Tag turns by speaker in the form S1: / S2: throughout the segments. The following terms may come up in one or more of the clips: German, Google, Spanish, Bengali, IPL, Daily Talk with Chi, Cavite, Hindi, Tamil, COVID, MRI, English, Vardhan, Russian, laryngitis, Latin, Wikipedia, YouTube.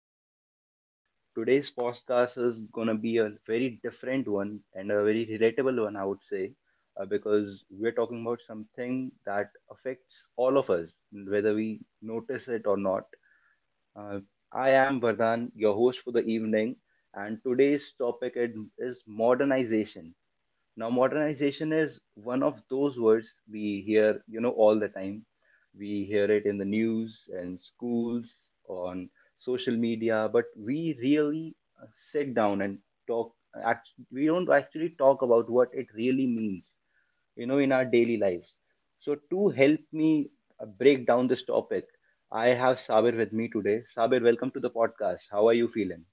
S1: you're doing well. Today's podcast is gonna be a very different one and a very relatable one, I would say, because we're talking about something that affects all of us, whether we notice it or not. Uh, I am Vardhan, your host for the evening, and today's topic is modernization. Now, modernization is one of those words we hear, all the time. We hear it in the news and schools, on social media, but we really uh, sit down and talk. Act, we don't actually talk about what it really means, you know, in our daily lives. So, to help me break down this topic, I have Sabir with me today. Sabir, welcome to the podcast. How are you feeling?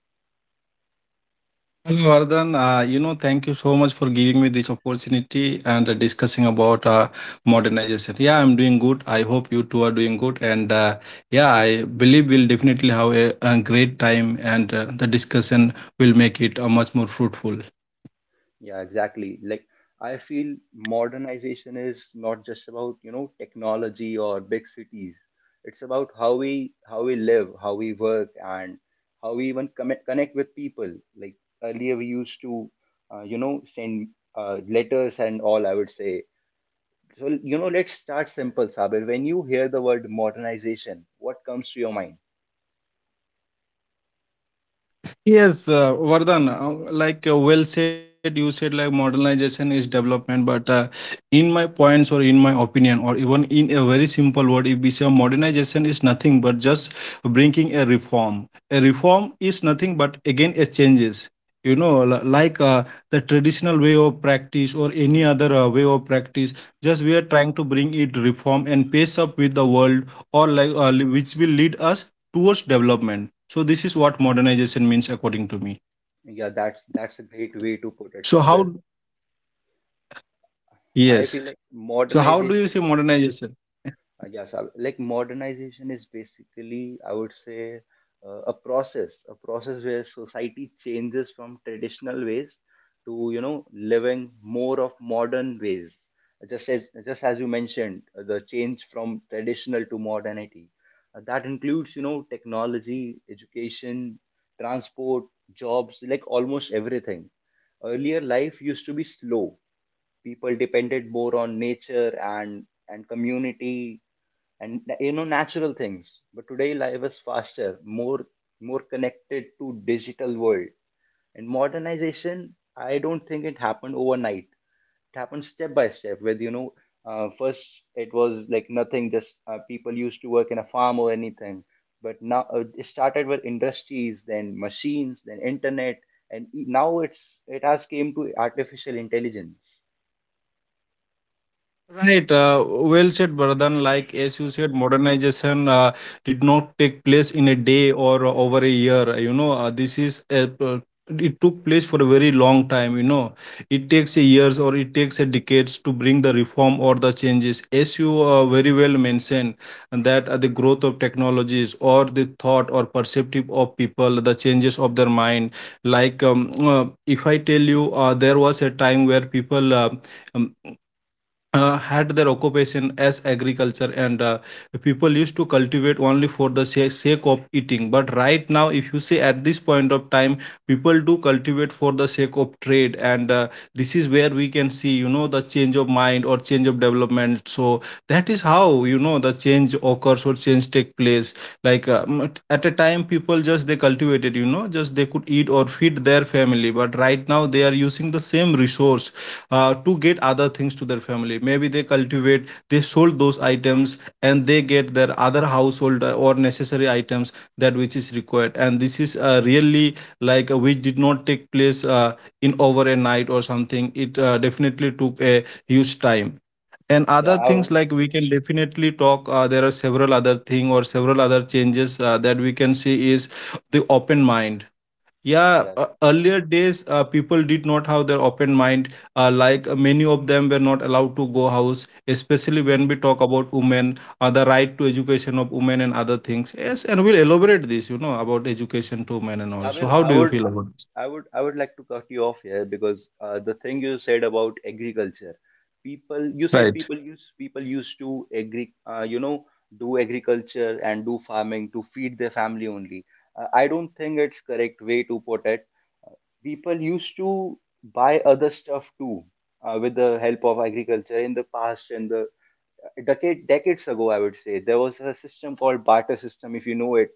S2: Hello, Vardhan. Thank you so much for giving me this opportunity and discussing about modernization. Yeah, I'm doing good. I hope you two are doing good. And yeah, I believe we'll definitely have a great time and the discussion will make it much more fruitful.
S1: Yeah, exactly. Like I feel modernization is not just about, you know, technology or big cities. It's about how we live, how we work, and how we even connect with people. Like earlier, we used to, send letters and all, I would say. So, you know, let's start simple, Sabir. When you hear the word modernization, what comes to your mind?
S2: Yes, Vardhan, well said, you said like modernization is development, but in my points or in my opinion, or even in a very simple word, if we say modernization is nothing but just bringing a reform. A reform is nothing but again a changes. You know, li- like uh, the traditional way of practice or any other way of practice, just we are trying to bring it reform and pace up with the world, or which will lead us towards development. So this is what modernization means according to me.
S1: Yeah, that's a great way to put it,
S2: So how
S1: Sabir. I
S2: yes.
S1: feel like
S2: So how do you see
S1: modernization
S2: modernization?
S1: Yes, like modernization is basically, I would say, a process, where society changes from traditional ways to, you know, living more of modern ways. Just as you mentioned, the change from traditional to modernity. That includes, you know, technology, education, transport, jobs, like almost everything. Earlier, life used to be slow, people depended more on nature and community and, you know, natural things, but today life is faster, more more connected to digital world. And modernization, I don't think it happened overnight. It happened step by step with, you know, first it was like nothing, just people used to work in a farm or anything, but now it started with industries, then machines, then internet, and now it has came to artificial intelligence.
S2: Right, well said, Vardhan. Like as you said, modernization did not take place in a day or over a year. You know, this is a, p- it took place for a very long time. You know, it takes a years or it takes a decades to bring the reform or the changes. As you very well mentioned, and that the growth of technologies or the thought or perceptive of people, the changes of their mind. If I tell you, there was a time where people. um, had their occupation as agriculture and people used to cultivate only for the sake of eating, but right now, if you see at this point of time, people do cultivate for the sake of trade, and this is where we can see, you know, the change of mind or change of development. So that is how, you know, the change occurs or change take place. At a time people just they cultivated, you know, just they could eat or feed their family, but right now they are using the same resource to get other things to their family. Maybe they cultivate, they sold those items, and they get their other household or necessary items that which is required. And this is really which did not take place in over a night or something. It definitely took a huge time. And
S1: Yeah
S2: other
S1: I
S2: things like we can definitely talk. There are several other thing or several other changes that we can see is the open mind. Yeah,
S1: Yes.
S2: earlier days, people did not have their open mind. Many of them were not allowed to go house, especially when we talk about women, the right to education of women and other things. Yes, and we'll elaborate this, you know, about education to women and all.
S1: Sabir,
S2: So, how do you feel about this?
S1: I would like to cut you off here because the thing you said about agriculture, you said
S2: Right.
S1: people used to you know, do agriculture and do farming to feed their family only. I don't think it's correct way to put it. People used to buy other stuff too, with the help of agriculture in the past, and the decades ago, I would say, there was a system called barter system, if you know it.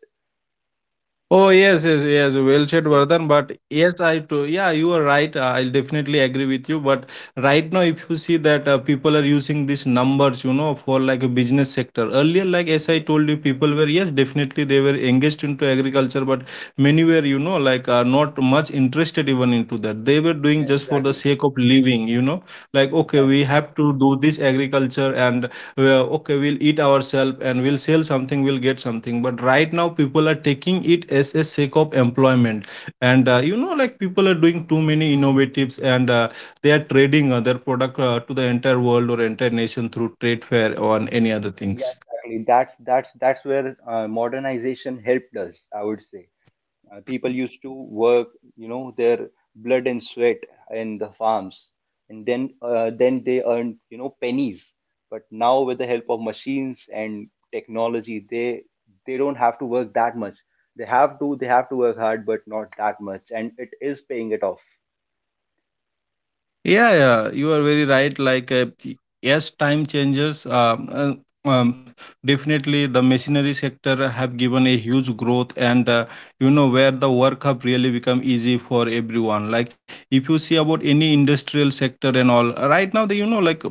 S2: Oh yes, yes, yes. Well said,
S1: Yes.
S2: Vardhan. But yes, I too. Yeah, you are right. I'll definitely agree with you. But right now, if you see that people are using these numbers, you know, for like a business sector. Earlier, like as I
S1: Yeah.
S2: told you, people were, yes, definitely they were engaged into agriculture, but many were, you know, not much interested even into that. They were doing
S1: Yeah.
S2: just for the
S1: Exactly.
S2: sake of living, you know, like okay, we
S1: Exactly.
S2: have to do this agriculture and okay, we'll eat ourselves and we'll sell something, we'll get something, but right now people are taking it as a sake of employment and you know, like people are doing too many innovatives and they are trading their product to the entire world or entire nation through trade fair or any other
S1: Yeah,
S2: things.
S1: exactly. That's where modernization helped us, I would say. People used to work, you know, their blood and sweat in the farms, and then they earned, you know, pennies. But now with the help of machines and technology, they don't have to work that much. They have to work hard, but not that much, and it is paying it off.
S2: Yeah, yeah, you are very right. Yes, time changes. Um, definitely, the machinery sector have given a huge growth, and you know, where the work have really become easy for everyone. Like, if you see about any industrial sector and all, right now, the you know like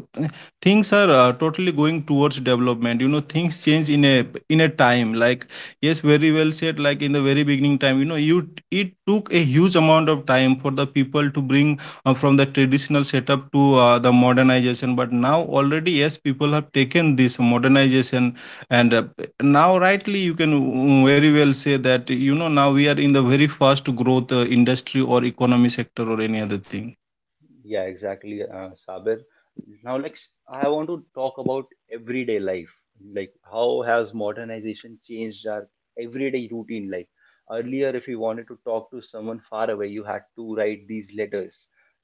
S2: things are totally going towards development. You know, things change in a time. Like, yes, very well said. Like in the very beginning time, you know, you it took a huge amount of time for the people to bring from the traditional setup to the modernization, but now already, yes, people have taken this modernization and now rightly you can, very well say that, you know, now we are in the very fast growth industry or economy sector or any other thing.
S1: Yeah, exactly, Sabir. Now, like, I want to talk about everyday life. Like, how has modernization changed our everyday routine life? Earlier, if you wanted to talk to someone far away, you had to write these letters.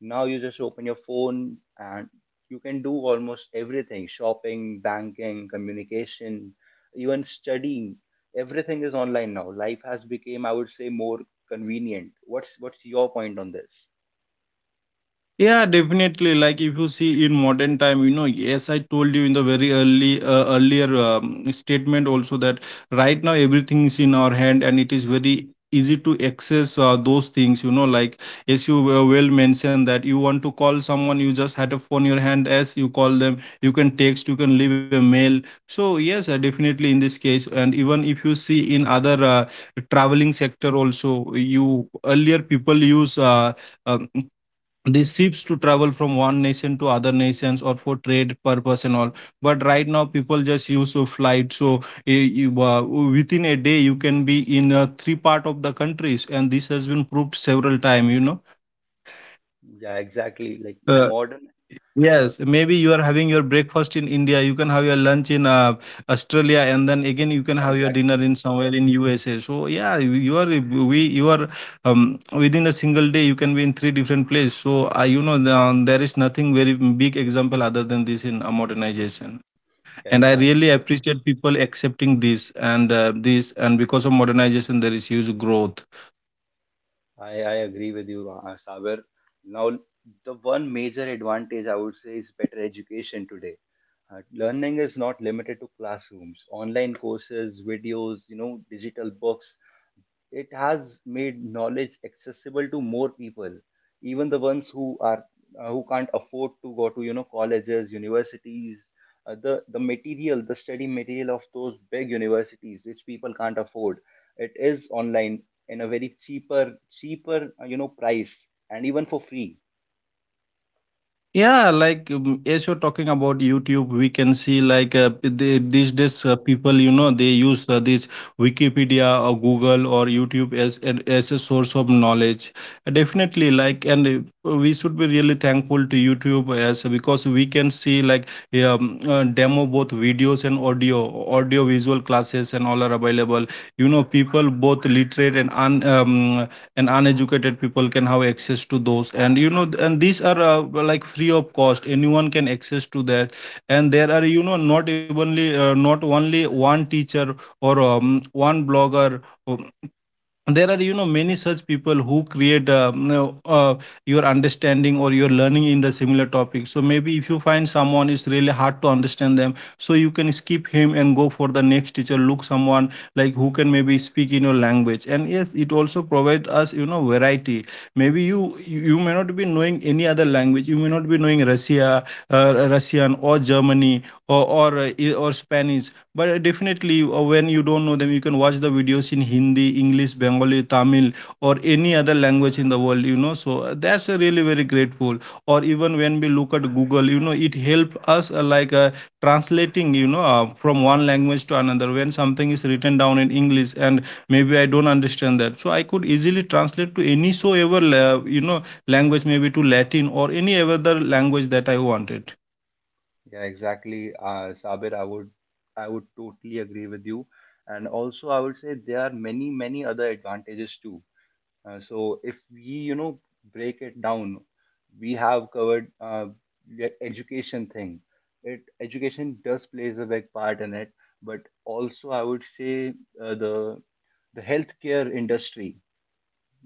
S1: Now, you just open your phone and you can do almost everything: shopping, banking, communication, even studying. Everything is online now. Life has become, I would say, more convenient. What's your point on this?
S2: Yeah, definitely. Like if you see in modern time, you know, yes, I told you in the very early earlier statement also that right now everything is in our hand and it is very easy to access those things. You know, like as you well mentioned that you want to call someone, you just had a phone in your hand. As you call them, you can text, you can leave a mail. So yes, definitely in this case, and even if you see in other traveling sector also, you earlier people use. Um, these ships to travel from one nation to other nations or for trade purpose and all, but right now people just use a flight. So within a day you can be in three part of the countries, and this has been proved several time, you know.
S1: Yeah, exactly.
S2: uh,
S1: Uh,
S2: Yes, maybe you
S1: yeah,
S2: are having your breakfast in India, you can have your lunch in Australia, and then again you can have your dinner
S1: exactly.
S2: in somewhere in USA. So yeah, you are we you are within a single day you can be in three different places. So you know, there is nothing very big example other than this in modernization.
S1: Yeah,
S2: And I really
S1: exactly.
S2: appreciate people accepting this and and because of modernization there is huge growth.
S1: I agree with you, Saber. Now, the one major advantage, I would say, is better education today. Learning is not limited to classrooms. Online courses, videos, you know, digital books, it has made knowledge accessible to more people, even the ones who are who can't afford to go to, you know, colleges, universities. Uh, the material the study material of those big universities, which people can't afford, it is online in a very cheaper you know, price, and even for free.
S2: Yeah, as you're talking about YouTube, we can see like these days people, you know, they use this Wikipedia or Google or YouTube as as a source of knowledge. Definitely, like, and we should be really thankful to YouTube as because we can see like demo both videos and audio visual classes and all are available. You know, people both literate and and uneducated people can have access to those, and you know, and these are like free of cost, anyone can access to that, and there are, you know, not only one teacher or one blogger, or there are, you know, many such people who create your understanding or your learning in the similar topic. So maybe if you find someone is really hard to understand them, so you can skip him and go for the next teacher, look someone like who can maybe speak in your language. And yes, it also provides us, you know, variety. Maybe you may not be knowing any other language, you may not be knowing russian or germany or or spanish, but definitely, when you don't know them, you can watch the videos in Hindi, English, Bengali, Tamil, or any other language in the world. You know, so that's a really very grateful. Or even when we look at Google, you know, it helps us translating. You know, from one language to another. When something is written down in English, and maybe I don't understand that, so I could easily translate to any so ever you know, language, maybe to Latin or any other language that I wanted.
S1: Yeah, exactly, Sabir. I would totally agree with you, and also I would say there are many other advantages too. So if we, you know, break it down, we have covered the education thing. It Education does plays a big part in it, but also I would say uh, the the healthcare industry.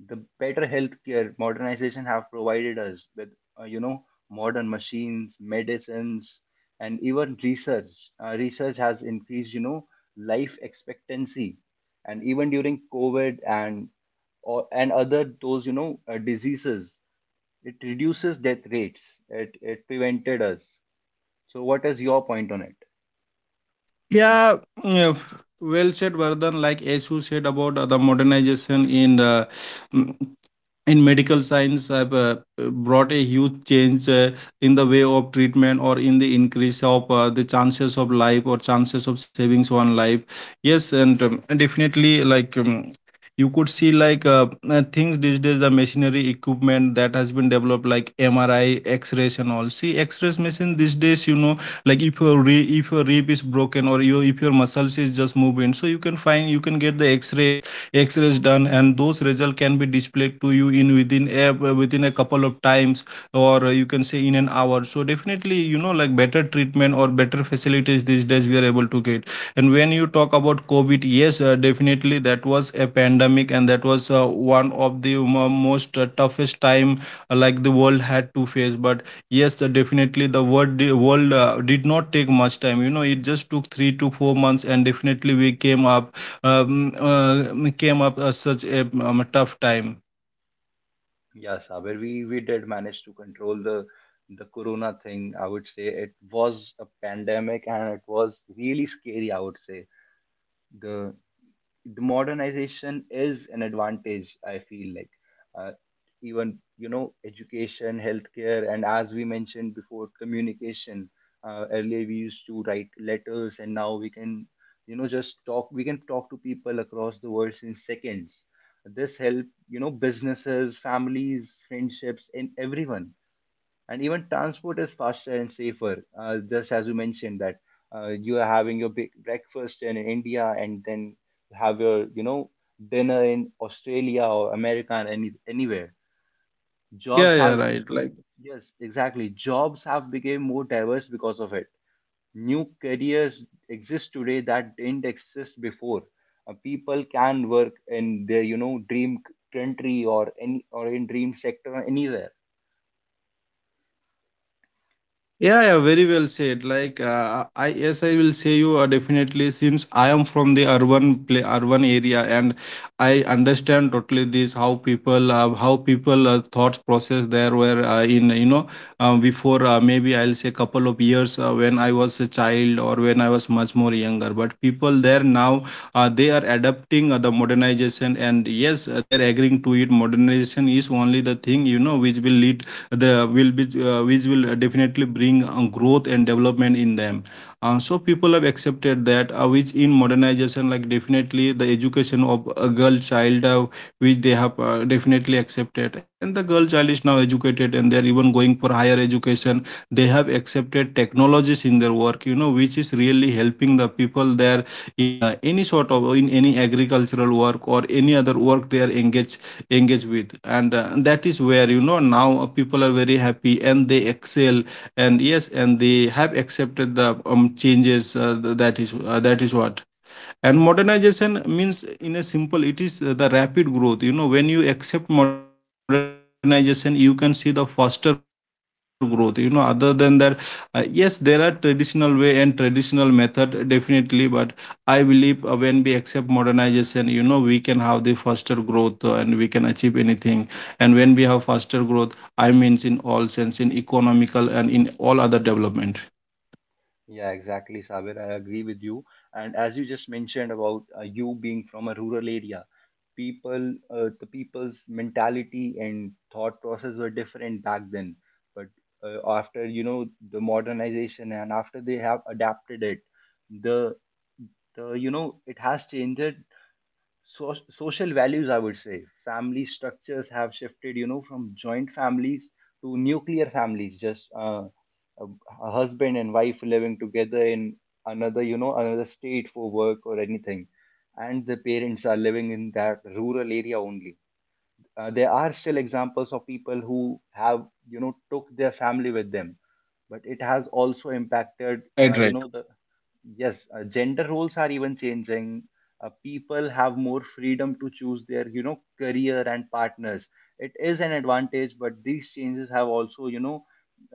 S1: The better healthcare, modernization have provided us with you know, modern machines, medicines, and even research. Uh, research has increased, you know, life expectancy, and even during covid and or and other those, you know, diseases, it reduces death rates. It prevented us. So what is your point on it?
S2: Yeah, yeah, well said, Vardhan. Like Ashu said about the modernization in mm, in medical science have brought a huge change in the way of treatment or in the increase of the chances of life or chances of savings one life. Yes, and definitely like. You could see things these days, the machinery equipment that has been developed like MRI, x-rays and all. See, x-rays machine these days, you know, like if your rib is broken or your if your muscles is just moving, so you can find, you can get the x-rays done, and those results can be displayed to you in within a couple of times, or you can say in an hour. So definitely, you know, like better treatment or better facilities these days we are able to get. And when you talk about COVID, yes, definitely that was a pandemic and that was one of the most toughest time like the world had to face. But yes, definitely the world did not take much time, you know, it just took 3 to 4 months and definitely we came up, came up as such a a tough time.
S1: Yeah, Saber, we did manage to control the corona thing. I would say it was a pandemic and it was really scary, I would say. The modernization is an advantage, I feel, like uh, even, you know, education, healthcare, and as we mentioned before, communication. Uh, earlier we used to write letters, and now we can, you know, just talk. We can talk to people across the world in seconds. This help, you know, businesses, families, friendships, and everyone. And even transport is faster and safer, just as you mentioned that you are having your big breakfast in India, and then have your, you know, dinner in Australia or America and anywhere.
S2: Yeah,
S1: jobs
S2: yeah,
S1: has be-
S2: right. Like.
S1: yes, exactly, jobs have become more diverse because of it. New careers exist today that didn't exist before. Uh, people can work in their, you know, dream country or any or in dream sector or anywhere.
S2: Yeah, yeah, very well said. Like, I, yes, I will say you, definitely, since I am from the urban area, and I understand totally this how people thoughts process there were in, you know, before, maybe I'll say couple of years when I was a child or when I was much more younger. But people there now, they are adapting the modernization, and yes, they are agreeing to it. Modernization is only the thing, you know, which will lead, the will be which will definitely bring growth and development in them, so people have accepted that, which in modernization, like definitely the education of a girl child, which they have definitely accepted, and the girl child is now educated and they're even going for higher education. They have accepted technologies in their work, you know, which is really helping the people there in any sort of, in any agricultural work or any other work they are engage with, and that is where, you know, now people are very happy and they excel. And yes, and they have accepted the changes, that is, that is what. And modernization means, in a simple, it is the rapid growth, you know, when you accept modernization you can see the faster growth, you know. Other than that, yes, there are traditional way and traditional method, definitely, but I believe, when we accept modernization, you know, we can have the faster growth, and we can achieve anything. And when we have faster growth, I means in all sense, in economical and in all other development.
S1: Yeah, exactly, Sabir. I agree with you. And as you just mentioned about you being from a rural area, the people's mentality and thought process were different back then. But after, you know, the modernization and after they have adapted it, the the you know it has changed. So, social values, I would say, family structures have shifted, you know, from joint families to nuclear families. Just a, a husband and wife living together in another, you know, another state for work or anything, and the parents are living in that rural area only. Uh, there are still examples of people who have, you know, took their family with them, but it has also impacted,
S2: Right.
S1: you know, the, yes, gender roles are even changing. Uh, people have more freedom to choose their, you know, career and partners. It is an advantage, but these changes have also, you know,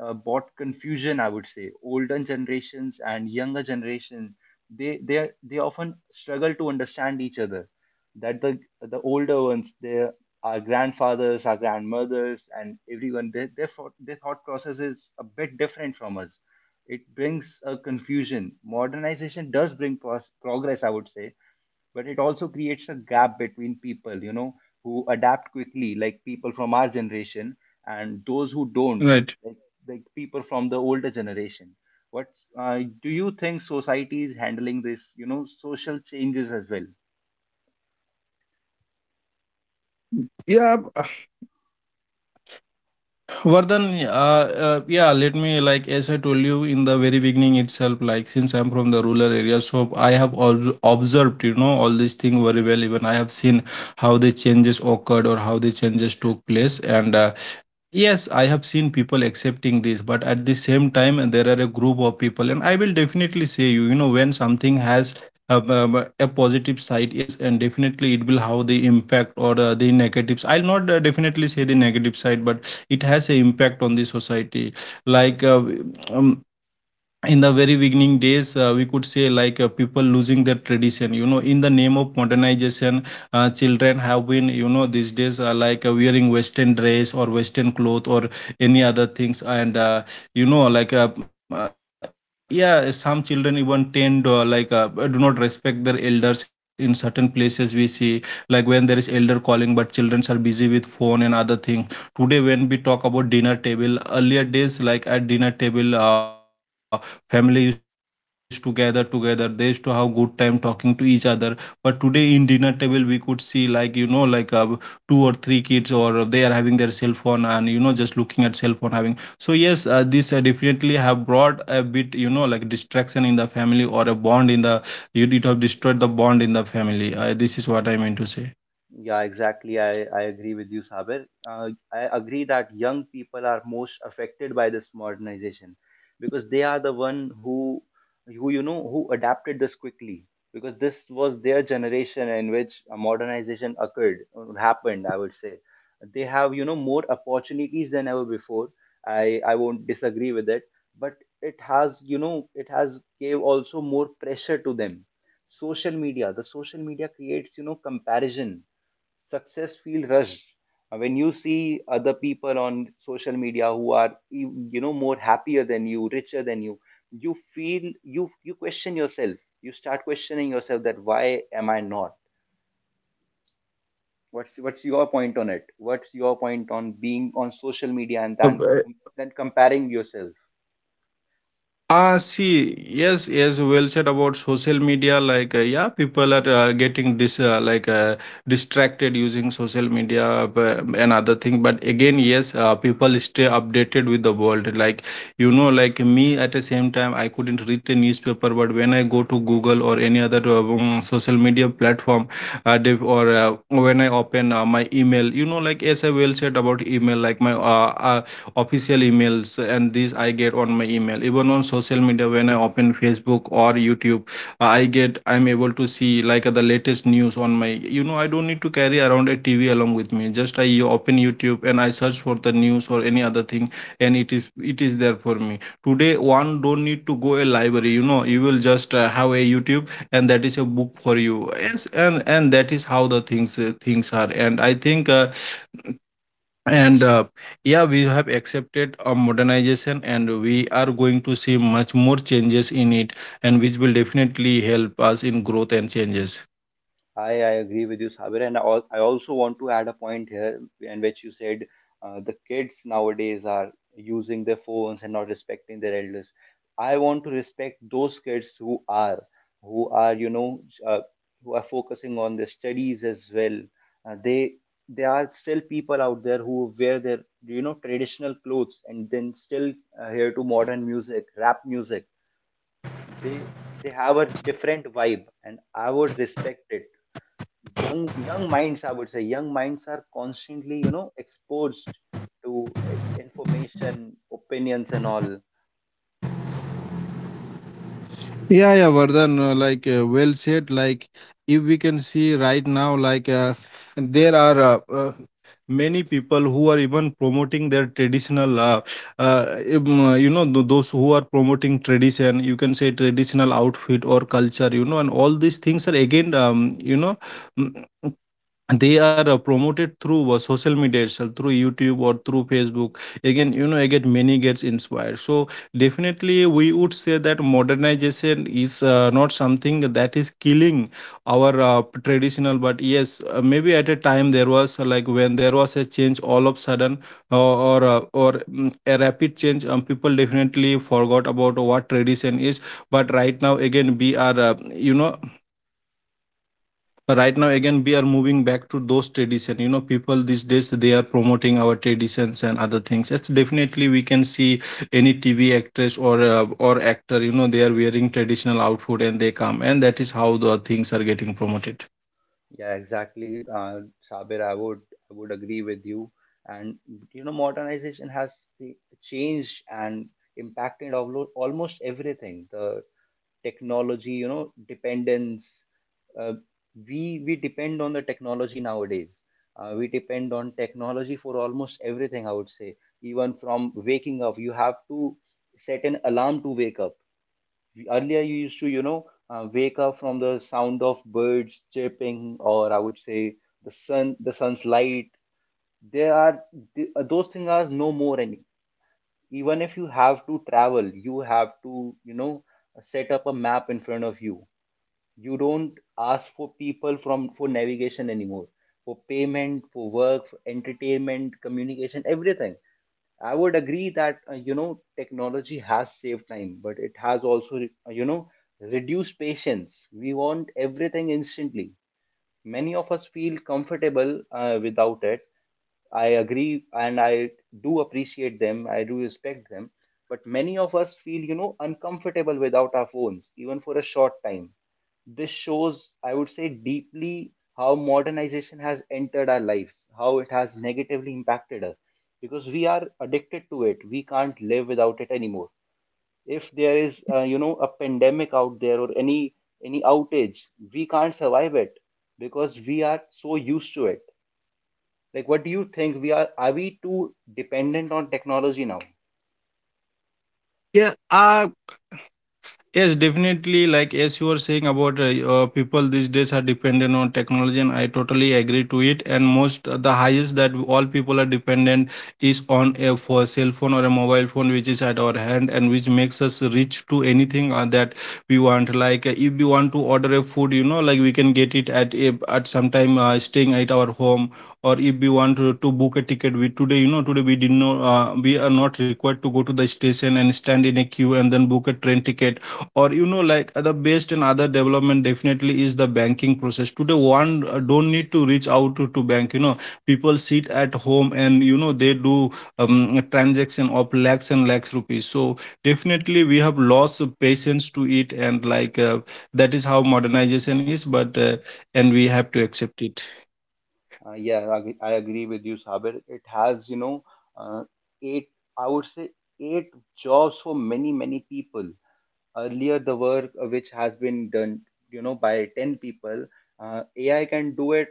S1: brought confusion, I would say. Older generations and younger generation, they often struggle to understand each other. That the older ones, they, our grandfathers, our grandmothers, and everyone, their their thought process is a bit different from us. It brings a confusion. Modernization does bring progress, I would say, but it also creates a gap between people, you know, who adapt quickly, like people from our generation, and those who don't.
S2: Right.
S1: like, like people from the older generation. What do you think society is handling this, you know, social changes as well?
S2: Yeah. Vardhan, yeah, let me, like, as I told you in the very beginning itself, like, since I'm from the rural area, so I have observed, you know, all these things very well. Even I have seen how the changes occurred or how the changes took place. And yes, I have seen people accepting this, but at the same time, and there are a group of people, and I will definitely say you, you know, when something has a positive side, yes, and definitely it will have the impact or the negatives. I'll not definitely say the negative side, but it has an impact on the society. Like, um, in the very beginning days, we could say like people losing their tradition, you know, in the name of modernization. Children have been, you know, these days, wearing western dress or western cloth or any other things. And you know, yeah, some children even tend, do not respect their elders. In certain places we see, like when there is elder calling but children are busy with phone and other things. Today when we talk about dinner table, earlier days, like at dinner table, family used to gather together, they used to have good time talking to each other. But today in dinner table, we could see like, you know, two or three kids or they are having their cell phone, and you know, just looking at cell phone having. So yes, this definitely have brought a bit, you know, like distraction in the family, or a bond in the, you, it have destroyed the bond in the family. This is what I mean to say.
S1: Yeah, exactly. I agree with you, Saber. I agree that young people are most affected by this modernization because they are the one who you know, who adapted this quickly, because this was their generation in which a modernization occurred or happened, I would say. They have, you know, more opportunities than ever before. I won't disagree with it, but it has, you know, it has gave also more pressure to them. The social media creates, you know, comparison, success feel rushed. When you see other people on social media who are you know, more happier than you, richer than you, you feel, you question yourself. You start questioning yourself that why am I not, what's your point on it? What's your point on being on social media and
S2: Uh,
S1: then comparing yourself?
S2: Ah, see, yes, yes, well said about social media. Like, yeah, people are getting distracted using social media and other thing. But again, yes, people stay updated with the world. Like, you know, like me at the same time, I couldn't read a newspaper, but when I go to Google or any other, social media platform, dev- or when I open my email, you know, like as I well said about email. Like my, official emails, and these I get on my email. Even on social media when I open Facebook or YouTube, I'm able to see like the latest news on my, you know, I don't need to carry around a TV along with me, just I open YouTube and I search for the news or any other thing, and it is there for me. Today one don't need to go a library, you know, you will just have a YouTube, and that is a book for you. Yes, and that is how the things, things are. And I think, and yeah, we have accepted a modernization and we are going to see much more changes in it, and which will definitely help us in growth and changes.
S1: I agree with you, Sabir, and I also want to add a point here, in which you said the kids nowadays are using their phones and not respecting their elders. I want to respect those kids who are, you know, who are focusing on their studies as well. They There are still people out there who wear their, you know, traditional clothes and then still hear to modern music, rap music. They they have a different vibe, and I would respect it. Young young minds, I would say, young minds are constantly, you know, exposed to information, opinions, and all.
S2: Yeah, yeah, Vardhan, well said. Like if we can see right now, there are many people who are even promoting their traditional, you know, those who are promoting tradition, you can say traditional outfit or culture, you know, and all these things are again, you know, they are promoted through social media itself, through YouTube or through Facebook. Again, you know, again many gets inspired. So definitely, we would say that modernization is not something that is killing our traditional. But yes, maybe at a time there was, like when there was a change all of sudden, a rapid change, people definitely forgot about what tradition is. But right now again we are, you know, right now again we are moving back to those tradition. You know, people these days they are promoting our traditions and other things, it's definitely we can see any TV actress or actor, you know, they are wearing traditional outfit and they come, and that is how the things are getting promoted.
S1: Yeah, exactly. Sabir, I would agree with you. And you know, modernization has the- changed and impacted almost everything. The technology, you know, dependence. uh, we depend on the technology nowadays. We depend on technology for almost everything, I would say. Even from waking up, you have to set an alarm to wake up. Earlier, you used to, you know, wake up from the sound of birds chirping, or I would say the sun the sun's light. There are those things are no more any. Even if you have to travel, you have to, you know, set up a map in front of you. You don't ask for people from for navigation anymore. For payment, for work, for entertainment, communication, everything. I would agree that you know, technology has saved time, but it has also you know, reduced patience. We want everything instantly. Many of us feel comfortable without it. I agree, and I do appreciate them, I do respect them, but many of us feel, you know, uncomfortable without our phones, even for a short time. This shows, I would say, deeply how modernization has entered our lives, how it has negatively impacted us, because we are addicted to it. We can't live without it anymore. If there is you know, a pandemic out there, or any outage, we can't survive it because we are so used to it. Like, what do you think? We are are we too dependent on technology now?
S2: Yeah, I. Yes, definitely. Like as you were saying about, people these days are dependent on technology, and I totally agree to it. And most, the highest that all people are dependent is on a for cell phone or a mobile phone, which is at our hand and which makes us reach to anything that we want. Like, if we want to order a food, you know, like we can get it at a, at some time staying at our home, or if we want to book a ticket. We today, you know, today we did not, we are not required to go to the station and stand in a queue and then book a train ticket, or you know, the best and other development definitely is the banking process. Today one don't need to reach out to bank, you know, people sit at home and you know they do, a transaction of lakhs and lakhs rupees. So definitely we have lost of patience to it. And like, that is how modernization is, but, and we have to accept it.
S1: Yeah, I agree with you, Sabir. It has, you know, uh, eight, I would say, eight jobs for many many people. Earlier, the work which has been done, you know, by 10 people, AI can do it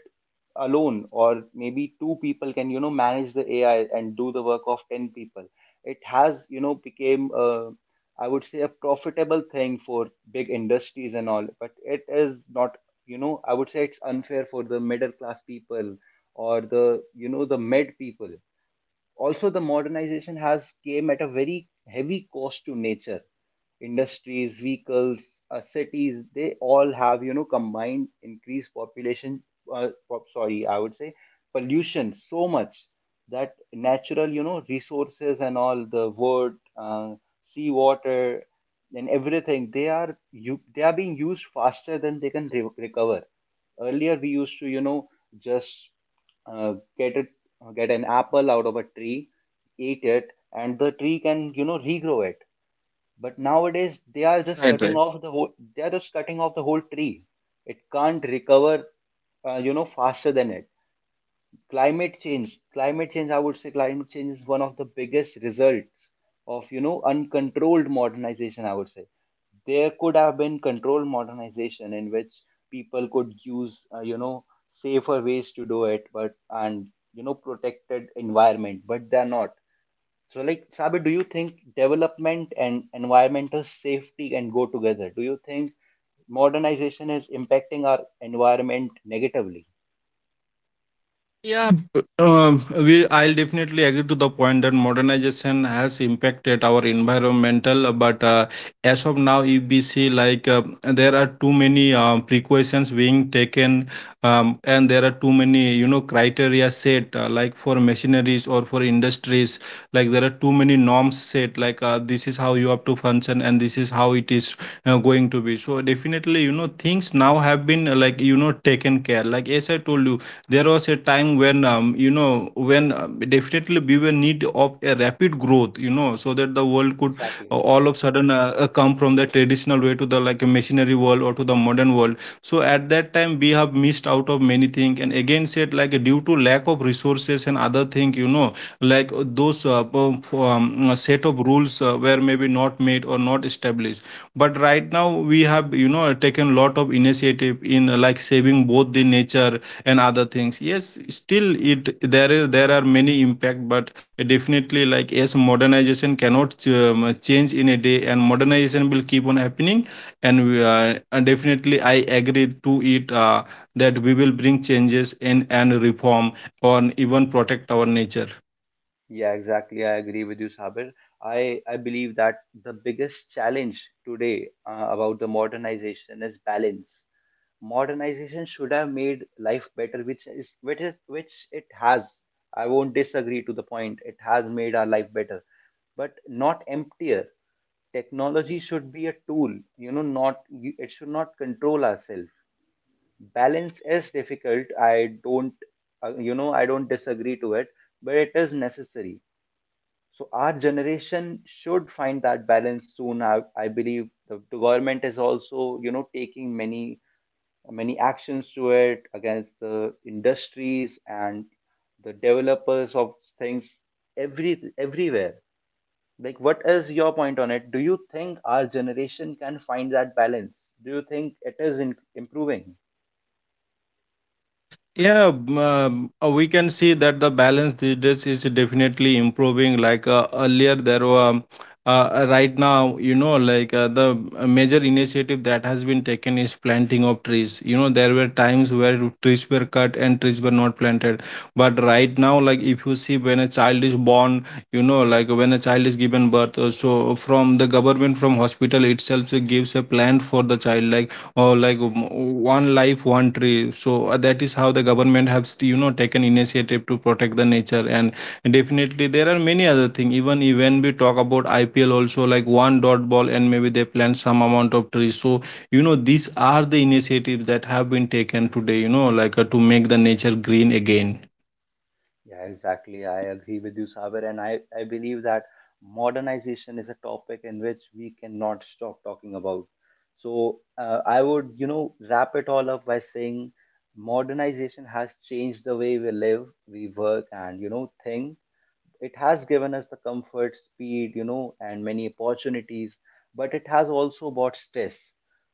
S1: alone, or maybe two people can, you know, manage the AI and do the work of 10 people. It has, you know, became I would say, a profitable thing for big industries and all, but it is not, you know, I would say it's unfair for the middle class people, or the, you know, the med people. Also, the modernization has came at a very heavy cost to nature. Industries, vehicles, cities, they all have, you know, combined increased population, I would say pollution so much that natural, you know, resources and all the wood, sea water, and everything, they are you, they are being used faster than they can recover. Earlier, we used to, you know, just get it, get an apple out of a tree, eat it, and the tree can, you know, regrow it. But nowadays, they are just
S2: Right, right.
S1: cutting off the whole, they are just cutting off the whole tree. It can't recover you know, faster than it. Climate change, I would say, climate change is one of the biggest results of, you know, uncontrolled modernization, I would say. There could have been controlled modernization in which people could use, you know, safer ways to do it. But and you know, protected environment, but they're not. So like, Sabi, do you think development and environmental safety can go together? Do you think modernization is impacting our environment negatively?
S2: Yeah, b- we, I'll definitely agree to the point that modernization has impacted our environmental, but, as of now, if we see like, there are too many, precautions being taken, and there are too many, you know, criteria set, like for machineries or for industries, like there are too many norms set like, this is how you have to function and this is how it is going to be. So definitely, you know, things now have been, like, you know, taken care, like as I told you, there was a time when, you know, when, definitely we were need of a rapid growth, you know, so that the world could
S1: Exactly.
S2: all of sudden come from the traditional way to the like a machinery world or to the modern world. So at that time we have missed out of many things, and again said, like due to lack of resources and other thing, you know, like those set of rules were maybe not made or not established. But right now we have, you know, taken a lot of initiative in, like saving both the nature and other things. Yes, still it there is there are many impact, but definitely like yes, modernization cannot change in a day, and modernization will keep on happening. And we, and definitely I agree to it, that we will bring changes in and reform, or even protect our nature.
S1: Yeah, exactly. I agree with you, Sabir. I believe that the biggest challenge today, about the modernization, is balance. Modernization should have made life better, which is which it has. I won't disagree to the point. It has made our life better, but not emptier. Technology should be a tool, you know, not you, it should not control ourselves. Balance is difficult. I don't, you know, I don't disagree to it, but it is necessary, so our generation should find that balance soon. I believe the government is also, you know, taking many many actions to it against the industries and the developers of things everywhere. Like, what is your point on it? Do you think our generation can find that balance? Do you think it is in, improving?
S2: We can see that the balance these days is definitely improving. Like, earlier, there were, right now, you know, the major initiative that has been taken is planting of trees. You know, there were times where trees were cut and trees were not planted. But right now, like if you see when a child is born, you know, like when a child is given birth, so from the government, from hospital itself, it gives a plant for the child, like or like, one life one tree. So, that is how the government has, you know, taken initiative to protect the nature. And definitely there are many other things, even when we talk about IPL also, like one dot ball and maybe they plant some amount of trees. So you know, these are the initiatives that have been taken today, you know, to make the nature green again.
S1: Yeah, exactly. I agree with you, Saber, and I believe that modernization is a topic in which we cannot stop talking about. So I would, you know, wrap it all up by saying modernization has changed the way we live, we work, and you know, think. It has given us the comfort, speed, you know, and many opportunities, but it has also brought stress.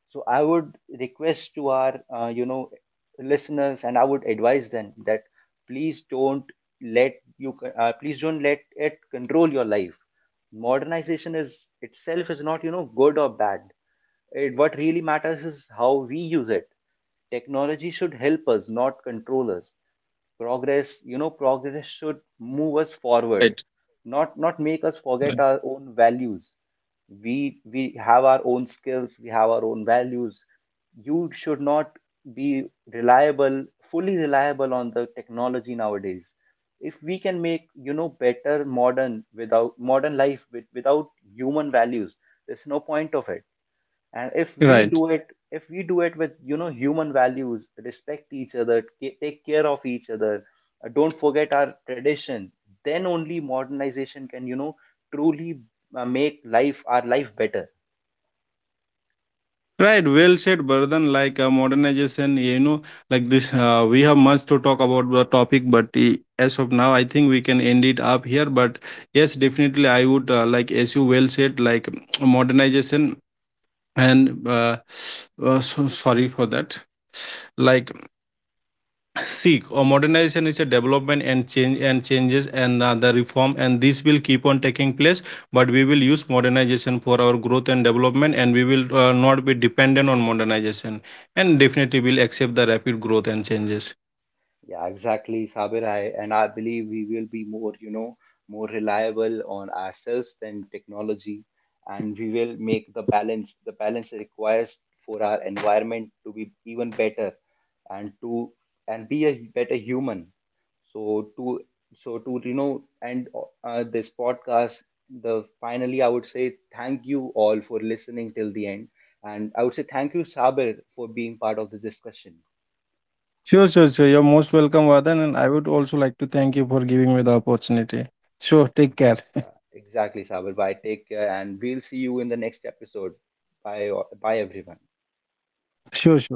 S1: So I would request to our, you know, listeners, and I would advise them that please don't please don't let it control your life. Modernization is itself is not, you know, good or bad. It, what really matters is how we use it. Technology should help us, not control us. Progress, you know, progress should move us forward, not make us
S2: Right.
S1: forget our own values. We have our own skills, we have our own values. You should not be reliable, fully reliable on the technology nowadays. If we can make, you know, better modern, without modern life with, without human values, there's no point of it. And
S2: Right.
S1: if we do it with, you know, human values, respect each other, take care of each other, don't forget our tradition, then only modernization can, you know, truly make life our life better.
S2: Right, well said, Bardhan. Like, modernization, you know, like this, we have much to talk about the topic, but, as of now, I think we can end it up here. But yes, definitely, I would, like, as you well said, like modernization and so sorry for that. Like, seek or modernization is a development and change and changes and, the reform, and this will keep on taking place. But we will use modernization for our growth and development, and we will, not be dependent on modernization, and definitely will accept the rapid growth and changes.
S1: Yeah, exactly, Sabir. I, and I believe we will be more, you know, more reliable on ourselves than technology, and we will make the balance requires for our environment to be even better, and to and be a better human. So to so to you know, and this podcast, the finally, I would say thank you all for listening till the end, and I would say thank you, Sabir, for being part of the discussion.
S2: Sure, sure, sure. You're most welcome, Vadan, and I would also like to thank you for giving me the opportunity. Sure, take care.
S1: Yeah, exactly, Sabir. Bye. Take care, and we'll see you in the next episode. Bye,
S2: Sure,
S1: bye,
S2: sure,
S1: everyone.
S2: sure.